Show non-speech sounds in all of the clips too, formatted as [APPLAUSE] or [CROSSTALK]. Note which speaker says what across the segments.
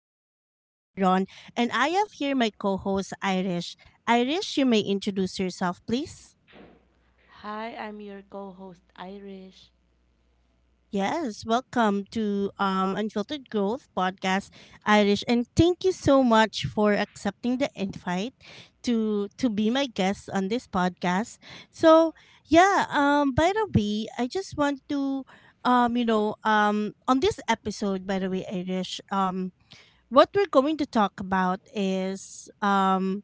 Speaker 1: is your host, Ron, and I have here my co host, Irish. Irish, you may introduce yourself, please.
Speaker 2: Hi, I'm your co-host Irish.
Speaker 1: Yes, welcome to Unfiltered Growth Podcast, Irish, and thank you so much for accepting the invite to be my guest on this podcast. So, yeah, by the way, I just want to, on this episode, by the way, Irish, what we're going to talk about is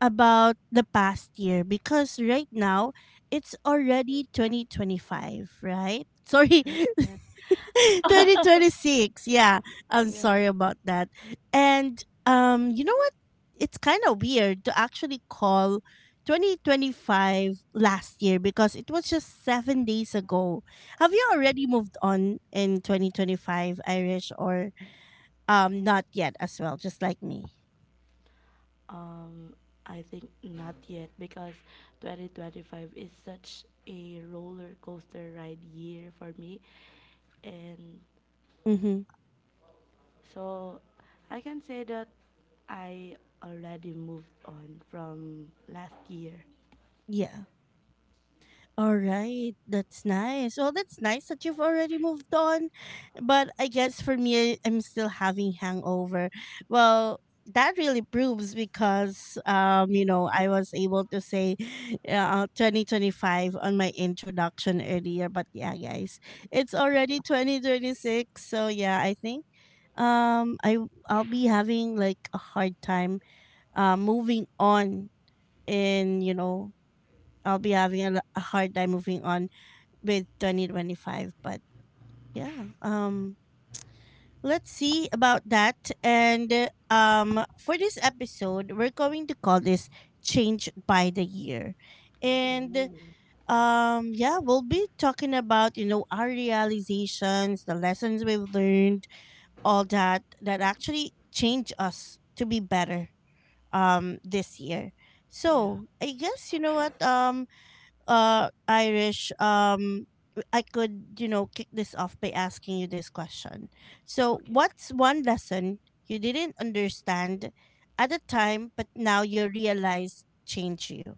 Speaker 1: about the past year because right now it's already 2025, right? Sorry,
Speaker 2: 2020.
Speaker 1: [LAUGHS] 2026. Yeah, I'm
Speaker 2: Yeah.
Speaker 1: sorry about that. And you know what, it's kind of weird to actually call 2025 last year because it was just 7 days ago. Have you already moved on in 2025, Irish, or not yet as well, just like me?
Speaker 2: Um, I think not yet because 2025 is such a roller coaster ride year for me. And
Speaker 1: Mm-hmm.
Speaker 2: so I can say that I already moved on from last year.
Speaker 1: Yeah. All right. That's nice. Well, that's nice that you've already moved on. But I guess for me, I'm still having hangover. Well, that really proves because I was able to say 2025 on my introduction earlier, but yeah guys, it's already 2026. So yeah, I think um I I'll be having like a hard time moving on. And I'll be having a hard time moving on with 2025. But yeah, let's see about that. And for this episode, we're going to call this "Changed by the Year," and
Speaker 2: Ooh.
Speaker 1: yeah, we'll be talking about our realizations, the lessons we've learned, all that that actually change us to be better this year.
Speaker 2: Yeah.
Speaker 1: So I guess you know what, Irish, I could, kick this off by asking you this question. So,
Speaker 2: Okay.
Speaker 1: what's one lesson you didn't understand at the time but now you realize changed you?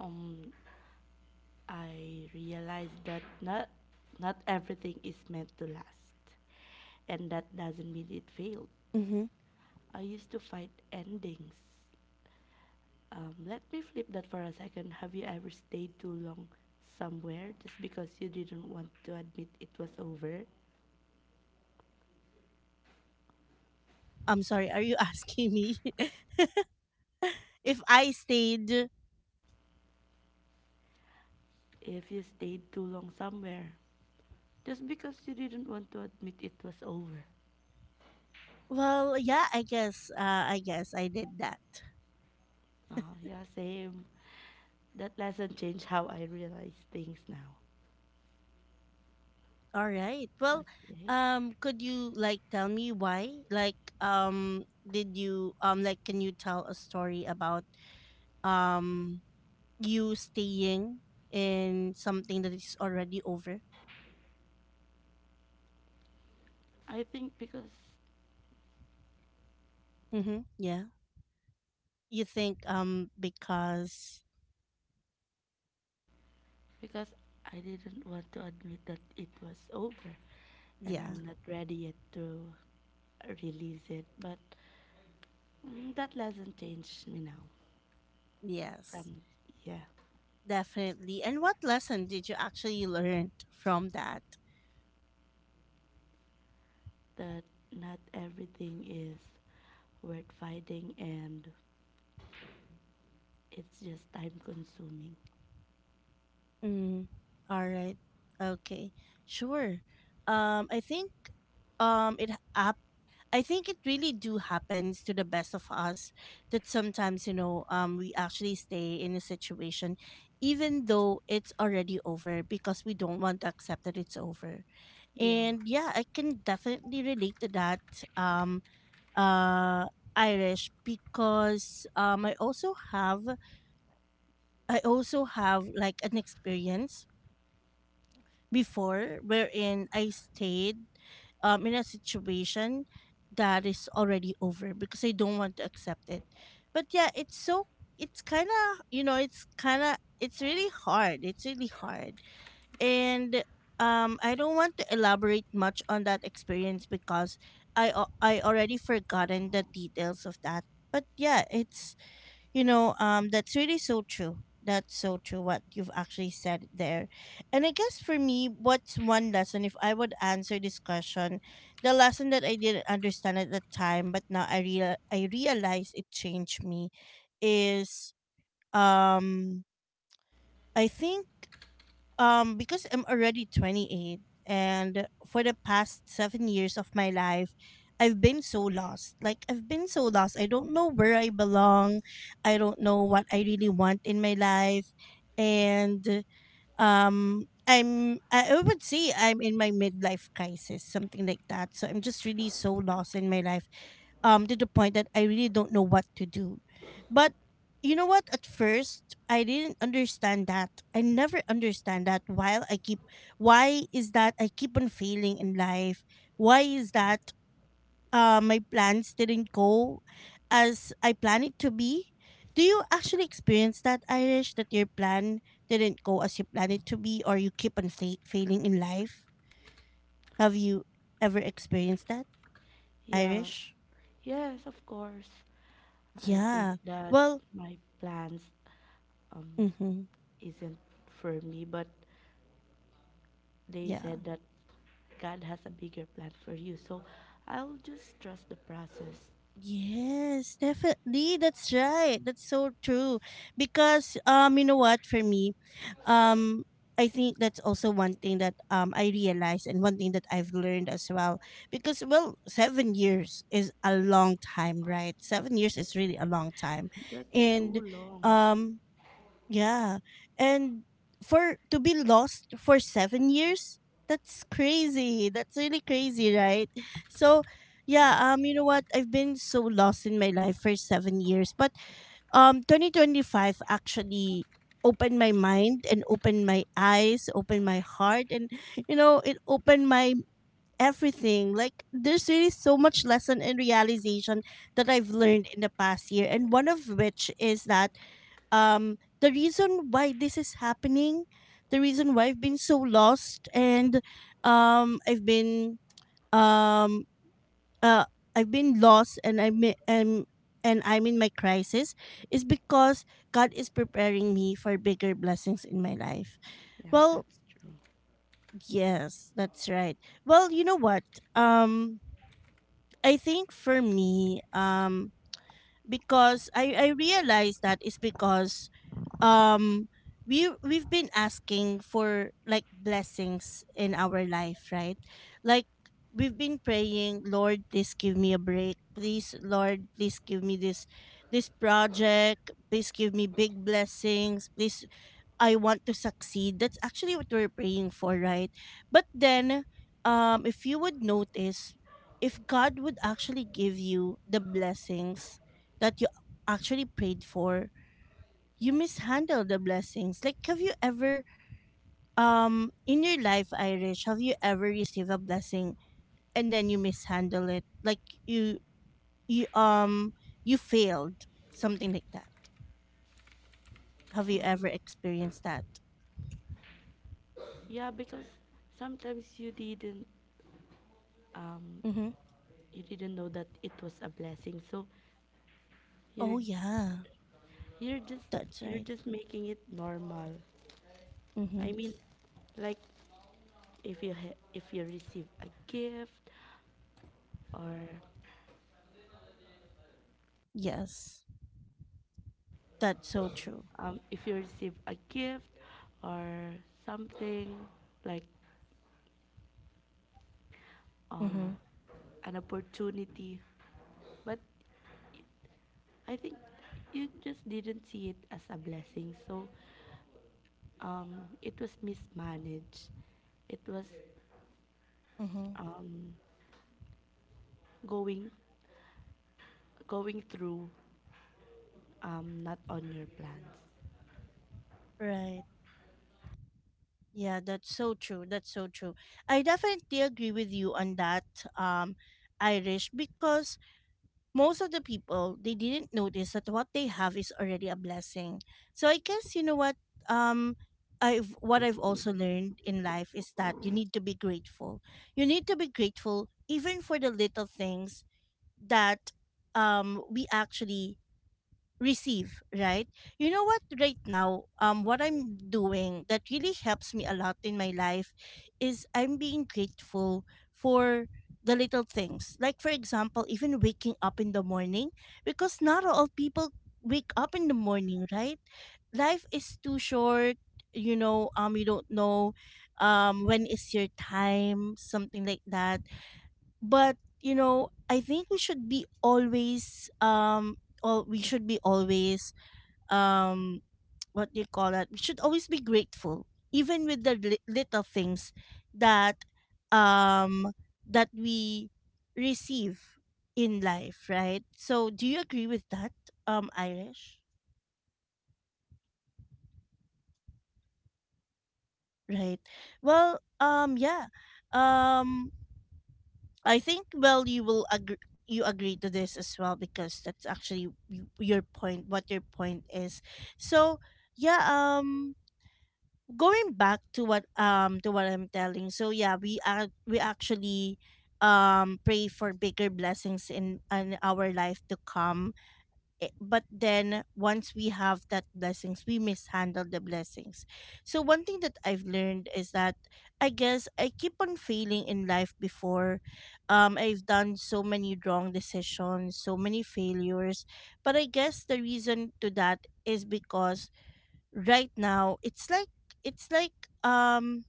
Speaker 2: Um, I realized that not everything is meant to last. And that doesn't mean it failed.
Speaker 1: Mm-hmm.
Speaker 2: I used to fight endings. Let me flip that for a second. Have you ever stayed too long somewhere just because you didn't want to admit it was over?
Speaker 1: I'm sorry. Are you [LAUGHS] asking me [LAUGHS] if I stayed?
Speaker 2: If you stayed too long somewhere just because you didn't want to admit it was over.
Speaker 1: Well, yeah, I guess. I guess I did that.
Speaker 2: Oh, yeah, same. That lesson changed how I realize things now.
Speaker 1: All right. Well,
Speaker 2: Okay.
Speaker 1: could you like tell me why? Like, did you like can you tell a story about um you staying in something that is already over?
Speaker 2: I think because
Speaker 1: Mm-hmm. Yeah. You think, because,
Speaker 2: because I didn't want to admit that it was over and
Speaker 1: yeah,
Speaker 2: I'm not ready yet to release it. But mm, that lesson changed me now
Speaker 1: yes,
Speaker 2: from, yeah,
Speaker 1: definitely. And what lesson did you actually learn from that?
Speaker 2: that not everything is worth fighting and it's just time consuming.
Speaker 1: Mm, all right. Okay. Sure. Um, I think um it up I think it really do happens to the best of us that sometimes we actually stay in a situation even though it's already over because we don't want to accept that it's over.
Speaker 2: Yeah,
Speaker 1: And yeah, I can definitely relate to that, um uh Irish, because I also have, like an experience before wherein I stayed in a situation that is already over because I don't want to accept it. But yeah, it's kind of you know it's kind of it's really hard. It's really hard, and I don't want to elaborate much on that experience because I already forgotten the details of that. But yeah, that's really so true. That's so true what you've actually said there. And I guess for me, what's one lesson if I would answer this question, the lesson that I didn't understand at the time, but now I realize it changed me is, um I think because I'm already 28 and for the past 7 years of my life I've been so lost. Like I've been so lost. I don't know where I belong. I don't know what I really want in my life, and I would say I'm in my midlife crisis, something like that. So I'm just really so lost in my life, to the point that I really don't know what to do. But you know what? At first, I didn't understand that. I never understand that. Why is that I keep on failing in life? Why is that, my plans didn't go as I planned it to be? Do you actually experience that, Irish? That your plan didn't go as you planned it to be, or you keep on failing in life? Have you ever experienced that,
Speaker 2: yeah,
Speaker 1: Irish?
Speaker 2: yes, of course. I think
Speaker 1: Yeah.
Speaker 2: that
Speaker 1: Well,
Speaker 2: my plans um,
Speaker 1: mhm.
Speaker 2: isn't for me, but they
Speaker 1: Yeah.
Speaker 2: said that God has a bigger plan for you. So I'll just trust the process.
Speaker 1: Yes, definitely. That's right. That's so true. Because you know what, for me, um, I think that's also one thing that I realized and one thing that I've learned as well. Because well, 7 years is a long time, right? 7 years is
Speaker 2: That's
Speaker 1: really a long time.
Speaker 2: that's
Speaker 1: And
Speaker 2: too long.
Speaker 1: um Yeah. And for to be lost for 7 years, that's crazy. That's really crazy, right? So yeah, you know what? I've been so lost in my life for 7 years. But 2025 actually opened my mind and opened my eyes, opened my heart, and it opened my everything. Like there's really so much lesson and realization that I've learned in the past year, and one of which is that the reason why this is happening, the reason why I've been so lost, and um i've been um uh I've been lost, and um, I'm in my crisis is because God is preparing me for bigger blessings in my life.
Speaker 2: Yeah,
Speaker 1: Well,
Speaker 2: that's true.
Speaker 1: yes, that's right. Well, you know what, um I think for me, because I realize that it's because um we've been asking for like blessings in our life, right? Like we've been praying, "Lord, please give me a break. Please, Lord, please give me this project. Please give me big blessings. Please, I want to succeed." That's actually what we're praying for, right? But then if you would notice, if God would actually give you the blessings that you actually prayed for, you mishandle the blessings. Like, have you ever, in your life, Irish, have you ever received a blessing and then you mishandle it? Like you, you, um, you failed, something like that. Have you ever experienced that?
Speaker 2: Yeah, because sometimes um
Speaker 1: Mm-hmm.
Speaker 2: you didn't know that it was a blessing. So you're
Speaker 1: Oh yeah,
Speaker 2: you're just
Speaker 1: that's
Speaker 2: you're
Speaker 1: right.
Speaker 2: just making it normal.
Speaker 1: Mm-hmm.
Speaker 2: I mean, like if you ha- if you receive a gift or
Speaker 1: Yes, that's so true.
Speaker 2: if you receive a gift or something like um,
Speaker 1: Mm-hmm.
Speaker 2: an opportunity. But I think you just didn't see it as a blessing. So um, it was mismanaged. It was
Speaker 1: Mm-hmm.
Speaker 2: um, going going through not on your plans.
Speaker 1: Right. Yeah, that's so true. That's so true. I definitely agree with you on that, um, Irish, because most of the people they didn't notice that what they have is already a blessing. So I guess you know what, um I've what I've also learned in life is that you need to be grateful. You need to be grateful even for the little things that we actually receive, right? You know what, right now, what I'm doing that really helps me a lot in my life is I'm being grateful for the little things, like for example, even waking up in the morning, because not all people wake up in the morning, right? Life is too short, you know. You don't know when is your time, something like that. But I think we should be always, all we should be always um [TSK] what do you call that, we should always be grateful even with the little things that um that we receive in life, right? So do you agree with that, Irish? Right. Well, yeah, um I think, well, you agree to this as well because that's actually your point, what your point is. So yeah, going back to what I'm telling. So yeah, we actually pray for bigger blessings in our life to come, but then once we have that blessings, we mishandle the blessings. So one thing that I've learned is that I guess I keep on failing in life before. I've done so many wrong decisions, so many failures. But I guess the reason to that is because right now it's like um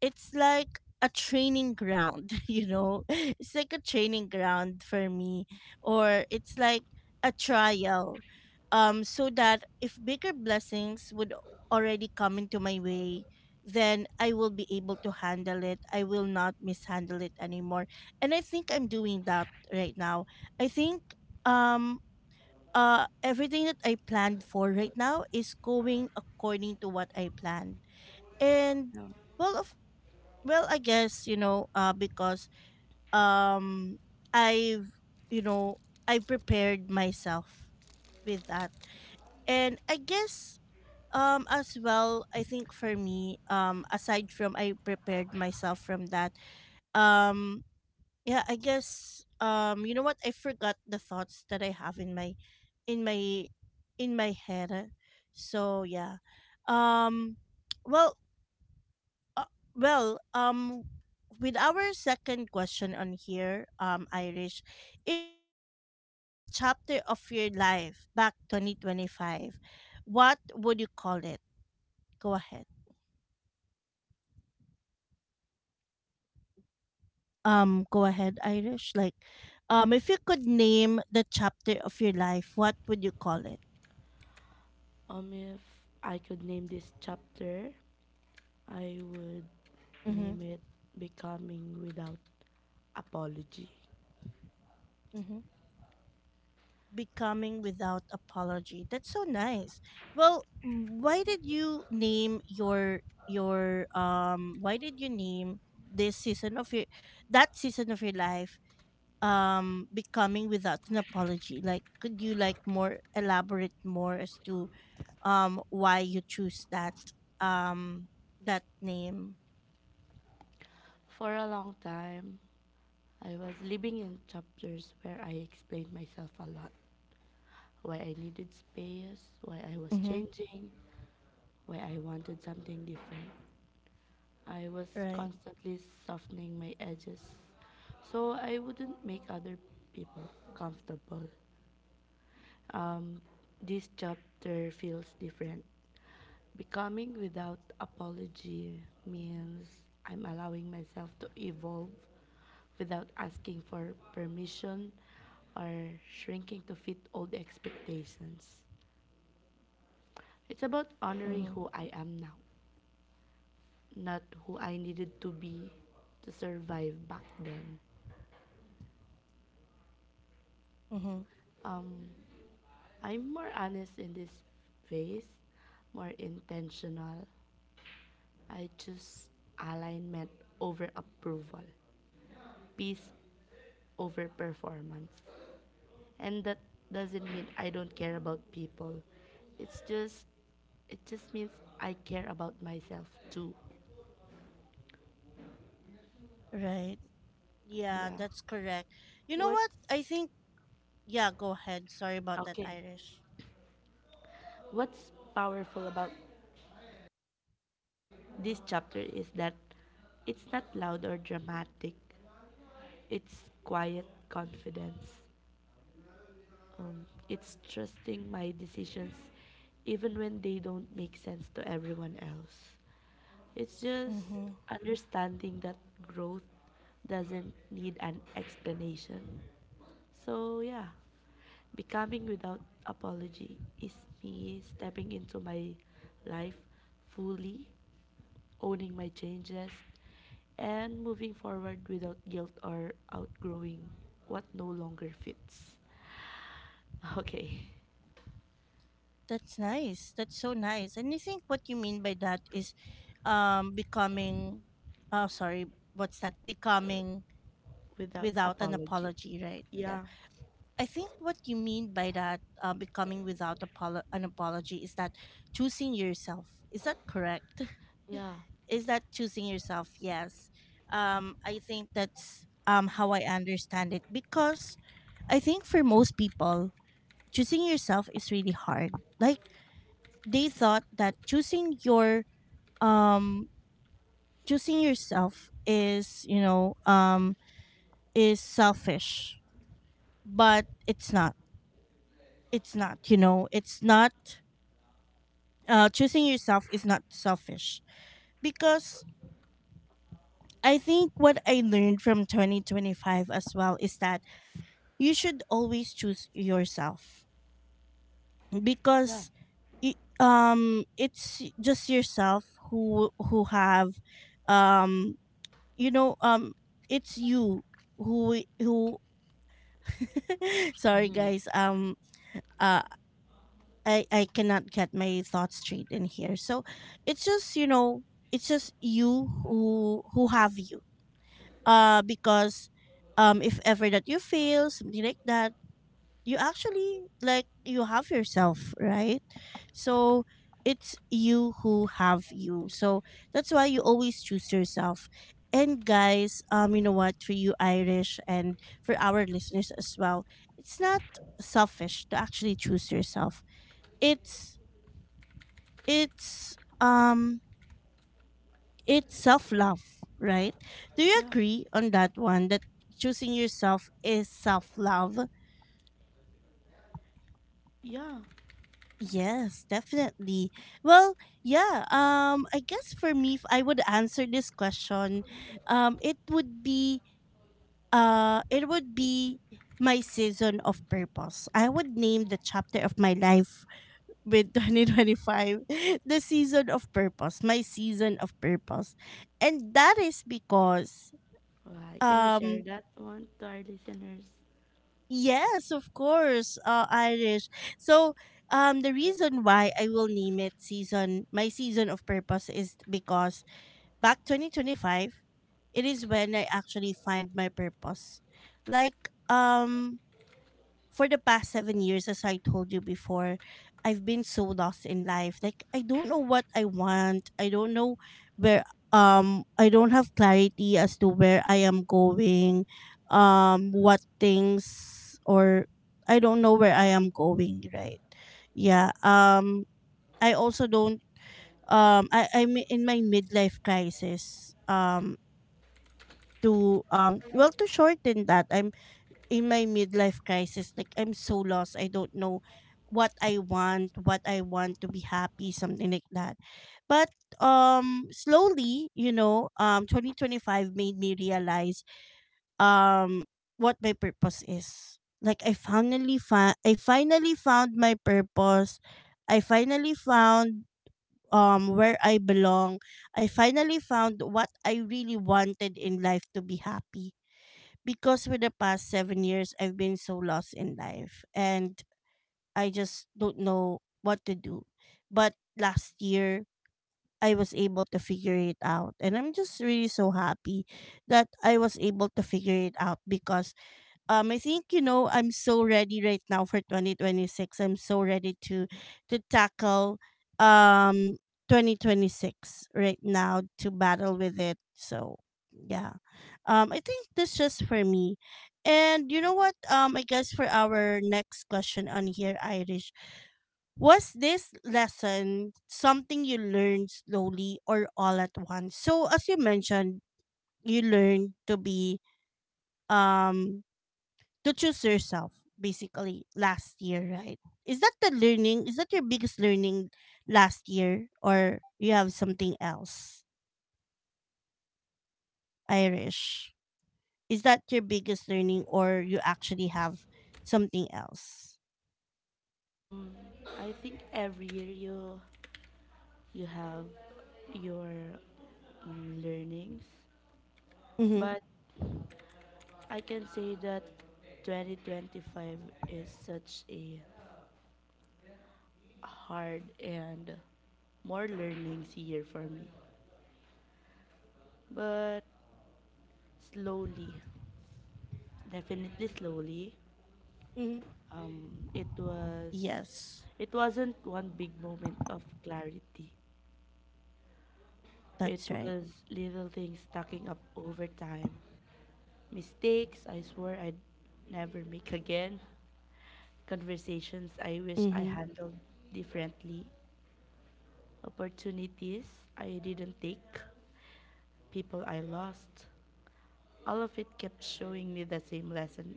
Speaker 1: it's like a training ground, [LAUGHS] you know? It's like a training ground for me, or it's like a trial. So that if bigger blessings would already come into my way, then I will be able to handle it. I will not mishandle it anymore. And I think I'm doing that right now. I think um everything that I planned for right now is going according to what I planned. And well, I guess, because um I've, you know, I prepared myself with that. And I guess as well, I think for me, aside from I prepared myself from that, um yeah, I guess you know what? I forgot the thoughts that I have in my in my head. So, yeah. Um well, uh, well, um, with our second question on here, Irish, if you could name the chapter of your life back 2025, what would you call it? Go ahead. Go ahead, Irish. Like, if you could name the chapter of your life, what would you call it?
Speaker 2: If I could name this chapter, I would
Speaker 1: Mm-hmm.
Speaker 2: name it Becoming Without Apology.
Speaker 1: Mm-hmm. Becoming without apology. That's so nice. Well, why did you name this season of your that season of your life, becoming without an apology? Like, could you more elaborate more as to why you choose um that name?
Speaker 2: For a long time, I was living in chapters where I explained myself a lot. Why I needed space, why I was
Speaker 1: Mhm.
Speaker 2: changing, why I wanted something different. I was
Speaker 1: Right.
Speaker 2: constantly softening my edges so I wouldn't make other people comfortable. Um, this chapter feels different. Becoming without apology means I'm allowing myself to evolve without asking for permission or shrinking to fit old expectations. It's about honoring
Speaker 1: Mhm.
Speaker 2: who I am now, not who I needed to be to survive back then.
Speaker 1: Mhm.
Speaker 2: Um, I'm more honest in this phase, more intentional. I choose alignment over approval, peace over performance. And that doesn't mean I don't care about people. It's just it just means I care about myself too.
Speaker 1: Right. Yeah,
Speaker 2: Yeah.
Speaker 1: that's correct. You know
Speaker 2: What's
Speaker 1: what? I think — Yeah, go ahead. Sorry about that,
Speaker 2: okay?
Speaker 1: Irish.
Speaker 2: What's powerful about this chapter is that it's not loud or dramatic. It's quiet confidence. It's trusting my decisions even when they don't make sense to everyone else. It's just
Speaker 1: Mm-hmm.
Speaker 2: understanding that growth doesn't need an explanation. So, yeah, becoming without apology is me stepping into my life fully owning my changes, and moving forward without guilt or outgrowing what no longer fits. Okay,
Speaker 1: That's nice. That's so nice. And I think what you mean by that is, becoming — oh, sorry, what's that? Becoming
Speaker 2: [LAUGHS] without
Speaker 1: without an
Speaker 2: apology.
Speaker 1: apology, right? Yeah.
Speaker 2: Yeah,
Speaker 1: I think what you mean by that, becoming without an apology, is that choosing yourself. Is that correct?
Speaker 2: yeah,
Speaker 1: [LAUGHS] Is that choosing yourself? Yes. Um, I think that's how I understand it, because I think for most people, choosing yourself is really hard. Like, they thought that um choosing yourself is selfish. But it's not. It's not, you know, it's not Choosing yourself is not selfish. Because I think what I learned from 2025 as well is that you should always choose yourself.
Speaker 2: yeah,
Speaker 1: Because it's just yourself who have, um you know um it's you who [LAUGHS] sorry guys, uh I cannot get my thoughts straight in here. So it's just you know it's just you who have you, because, if ever that you fail something like that, you actually, like, you have yourself, right? So it's you who have you, so that's why you always choose yourself. And guys, you know what, for you Irish and for our listeners as well, it's not selfish to actually choose yourself. It's it's um it's self-love, right? Do you
Speaker 2: yeah,
Speaker 1: agree on that one, that choosing yourself is self-love?
Speaker 2: yeah.
Speaker 1: Yes, definitely. Well, yeah, I guess for me, if I would answer this question, um it would be it would be my season of purpose. I would name the chapter of my life with [LAUGHS] 2025 the season of purpose, my season of purpose. And that is because —
Speaker 2: Why can you share
Speaker 1: um
Speaker 2: that one to our listeners?
Speaker 1: yes, of course, Irish. So, the reason why I will name my season of purpose is because back 2025, it is when I actually find my purpose. Like, for the past 7 years, as I told you before, I've been so lost in life. Like, I don't know what I want. I don't know where I don't have clarity as to where I am going, what things or I don't know where I am going, right? Yeah. I also don't I, I'm in my midlife crisis. To Well, to shorten that, in my midlife crisis, like, I'm so lost, I don't know what I want to be happy, something like that. But, slowly, 2025 made me realize um what my purpose is. Like, I finally found my purpose. I finally found, where I belong. I finally found what I really wanted in life to be happy. Because for the past 7 years I've been so lost in life, and I just don't know what to do. But last year, I was able to figure it out, and I'm just really so happy that I was able to figure it out. Because I think, I'm so ready right now for 2026. I'm so ready to tackle, um 2026 right now, to battle with it. So, yeah. I think that's just for me. And you know what? I guess for our next question on here, Irish, was this lesson something you learned slowly or all at once? So, as you mentioned, you learned um to choose yourself basically last year, right? Is that the learning — is that your biggest learning last year, or you have something else, Irish? Is that your biggest learning, or you actually have something else?
Speaker 2: Um, I think every year you have your mm, learnings,
Speaker 1: Mm-hmm.
Speaker 2: but I can say that 2025 is such a hard and more learnings year for me. But slowly, definitely slowly,
Speaker 1: Mm-hmm.
Speaker 2: um, it was
Speaker 1: Yes.
Speaker 2: it wasn't one big moment of clarity. It
Speaker 1: That's right.
Speaker 2: was little things stacking up over time. Mistakes I swore I'd never make again. Conversations I wish I
Speaker 1: Mm-hmm.
Speaker 2: handled differently. Opportunities I didn't take. People I lost. All of it kept showing me the same lesson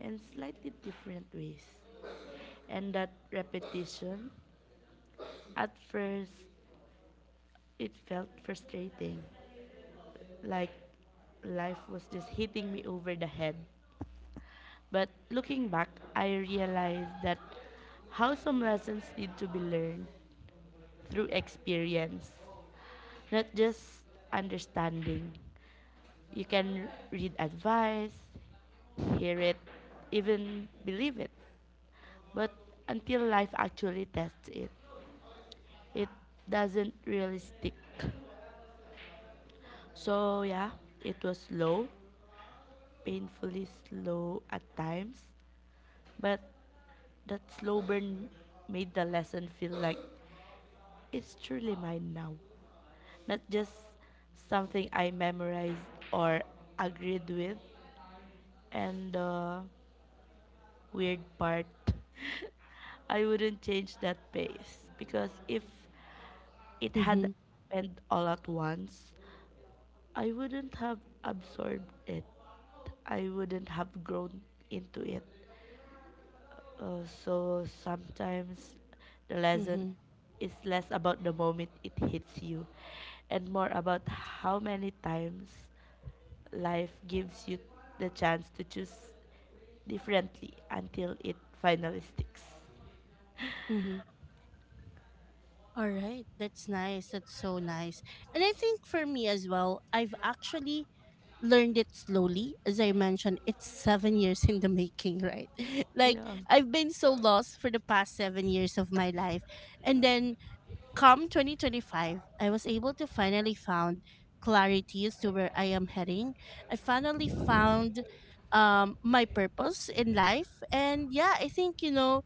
Speaker 2: in slightly different ways. And that repetition, at first, it felt frustrating, like life was just hitting me over the head. But looking back, I realized that how some lessons need to be learned through experience, not just understanding. You can read advice, hear it, even believe it. But until life actually tests it, it doesn't really stick. So, yeah, it was slow, painfully slow at times. But that slow burn made the lesson feel like it's truly mine now. Not just something I memorized or agreed with. And, weird part. [LAUGHS] I wouldn't change that pace because if it
Speaker 1: Mm-hmm.
Speaker 2: had happened all at once, I wouldn't have absorbed it. I wouldn't have grown into it. So sometimes the lesson
Speaker 1: Mm-hmm.
Speaker 2: is less about the moment it hits you and more about how many times life gives you the chance to choose differently until it finally sticks.
Speaker 1: Mm-hmm. All right, that's nice. That's so nice. And I think for me as well, I've actually learned it slowly. As I mentioned, it's 7 years in the making, right? [LAUGHS] Like,
Speaker 2: Yeah.
Speaker 1: I've been so lost for the past 7 years of my life. And then come 2025, I was able to finally found clarity as to where I am heading. I finally found my purpose in life. And yeah, I think,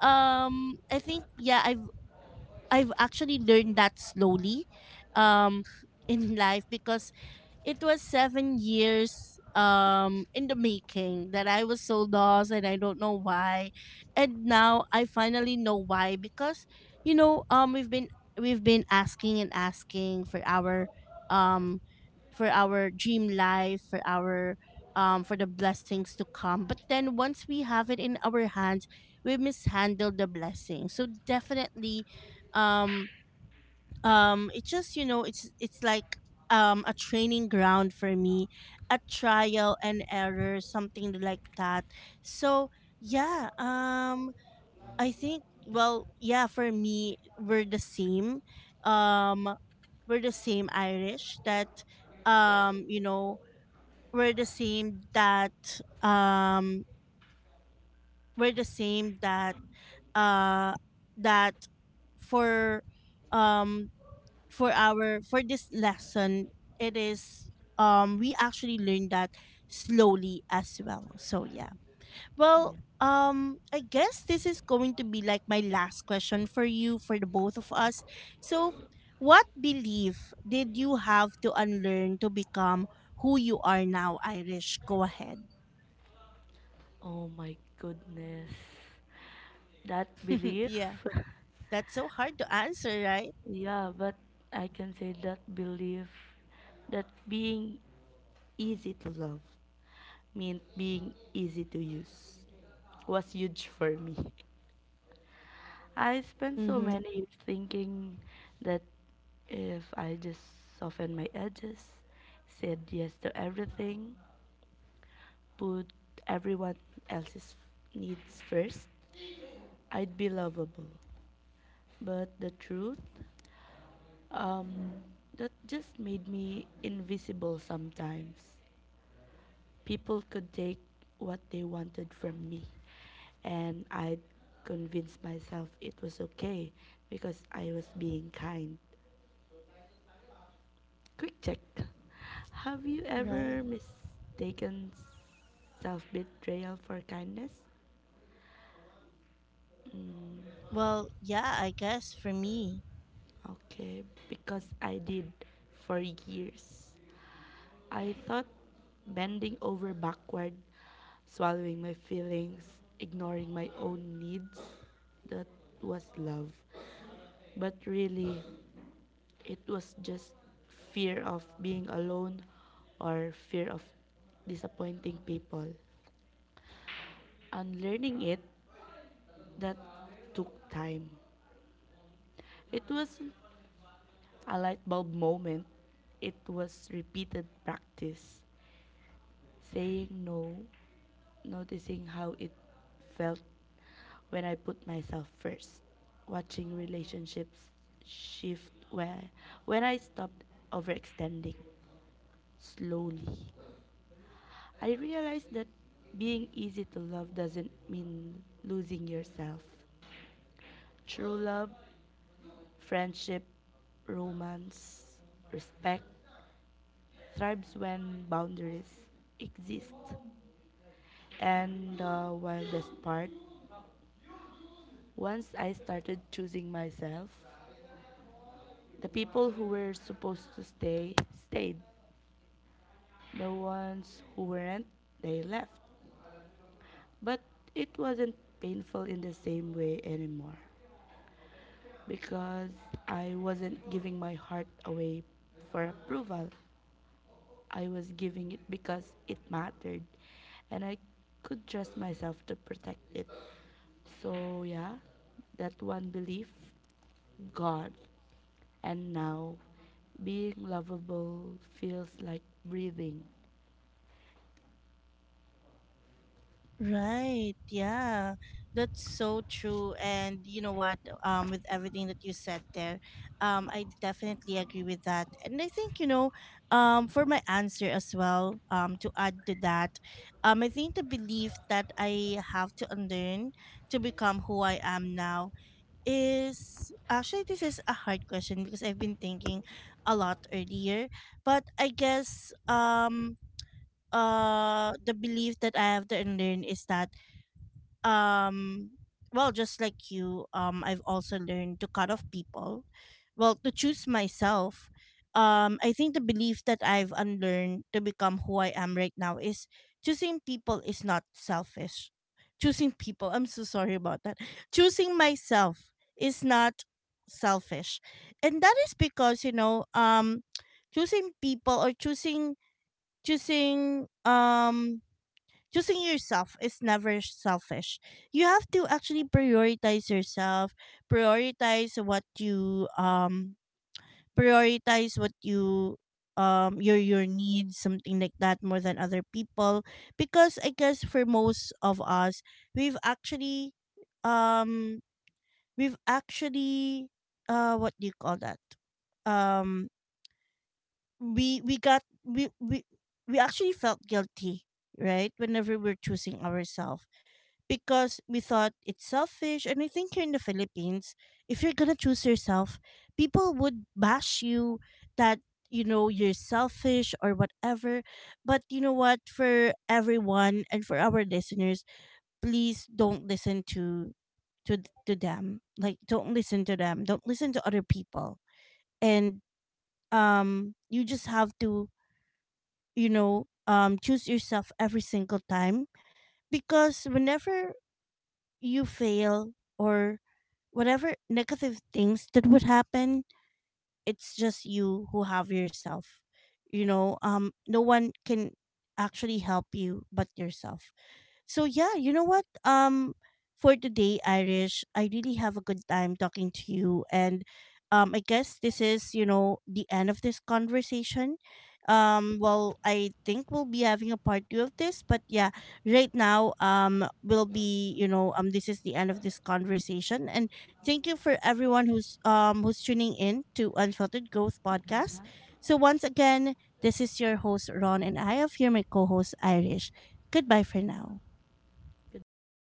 Speaker 1: um I think yeah, I've I've actually learned that slowly um in life, because it was 7 years in the making that I was so lost and I don't know why. And now I finally know why, because you know um we've been we've been asking and asking for our, um dream life, for our, for the blessings to come. But then once we have it in our hands, we mishandle the blessing. So definitely, um it's just, it's like, a training ground for me, a trial and error, something like that. So yeah. I think, well, yeah, for me, we're the same. um we're the same, Irish, that, um you know we're the same, that, we're the same, that, uh that for um for this lesson, it is, we actually learned that slowly as well. So yeah. Well,
Speaker 2: Yeah.
Speaker 1: I guess this is going to be like my last question for you, for the both of us. So, what belief did you have to unlearn to become who you are now, Irish? Go ahead.
Speaker 2: Oh my goodness. That
Speaker 1: [LAUGHS]
Speaker 2: belief.
Speaker 1: Yeah,
Speaker 2: [LAUGHS]
Speaker 1: that's so hard to answer, right?
Speaker 2: Yeah, but I can say that belief that being easy to love meant being easy to use was huge for me. I spent so
Speaker 1: Mm-hmm.
Speaker 2: many years thinking that if I just soften my edges, said yes to everything, put everyone else's needs first, I'd be lovable. But the truth, um, that just made me invisible sometimes. People could take what they wanted from me, and I'd convince myself it was okay because I was being kind. Quick check. Have you
Speaker 1: Right.
Speaker 2: ever mistaken self betrayal for kindness? Mm,
Speaker 1: Well, yeah, I guess for me —
Speaker 2: okay, because I did for years. I thought bending over backward, swallowing my feelings, ignoring my own needs, that was love. But really, it was just fear of being alone or fear of disappointing people. Unlearning it, that took time. It wasn't a light bulb moment, it was repeated practice. Saying no, noticing how it felt when I put myself first, watching relationships shift where when I stopped overextending slowly. I realized that being easy to love doesn't mean losing yourself. True love, friendship, romance, respect thrives when boundaries exist. And the wildest part. Once I started choosing myself, the people who were supposed to stay stayed. The ones who weren't, they left. But it wasn't painful in the same way anymore because I wasn't giving my heart away for approval. I was giving it because it mattered and I could trust myself to protect it. So, yeah, that one belief gone. And now, being lovable feels like breathing.
Speaker 1: Right. Yeah. That's so true. And you know what? With everything that you said there, I definitely agree with that. And I think, for my answer as well, to add to that, I think the belief that I have to unlearn to become who I am now is — actually, this is a hard question because I've been thinking a lot earlier. But I guess, the belief that I have to unlearn is that, um well, just like you, I've also learned to cut off people, well, to choose myself. I think the belief that I've unlearned to become who I am right now is: choosing people is not selfish — choosing people, I'm so sorry about that — choosing myself is not selfish. And that is because, choosing people, or choosing um choosing yourself, is never selfish. You have to actually prioritize yourself, prioritize what you um prioritize what you your needs, something like that, more than other people, because I guess for most of us, we've actually um we've actually what do you call that, um we got we actually felt guilty, right, whenever we're choosing ourselves, because we thought it's selfish. And I think here in the Philippines, if you're gonna choose yourself, people would bash you that, you're selfish or whatever. But you know what? For everyone and for our listeners, please don't listen to to them. Like, don't listen to them. Don't listen to other people. And you just have to, choose yourself every single time, because whenever you fail or whatever negative things that would happen, it's just you who have yourself. No one can actually help you but yourself. So yeah, you know what? For today, Irish, I really have a good time talking to you, and I guess this is, the end of this conversation. Well, I think we'll be having a part 2 of this. But yeah, right now will be, you know, this is the end of this conversation, and thank you for everyone who's tuning in to Unfiltered Growth podcast.
Speaker 2: Yeah.
Speaker 1: So once again, this is your host Ron, and I have here my co-host Irish. Goodbye for now.
Speaker 2: Goodbye.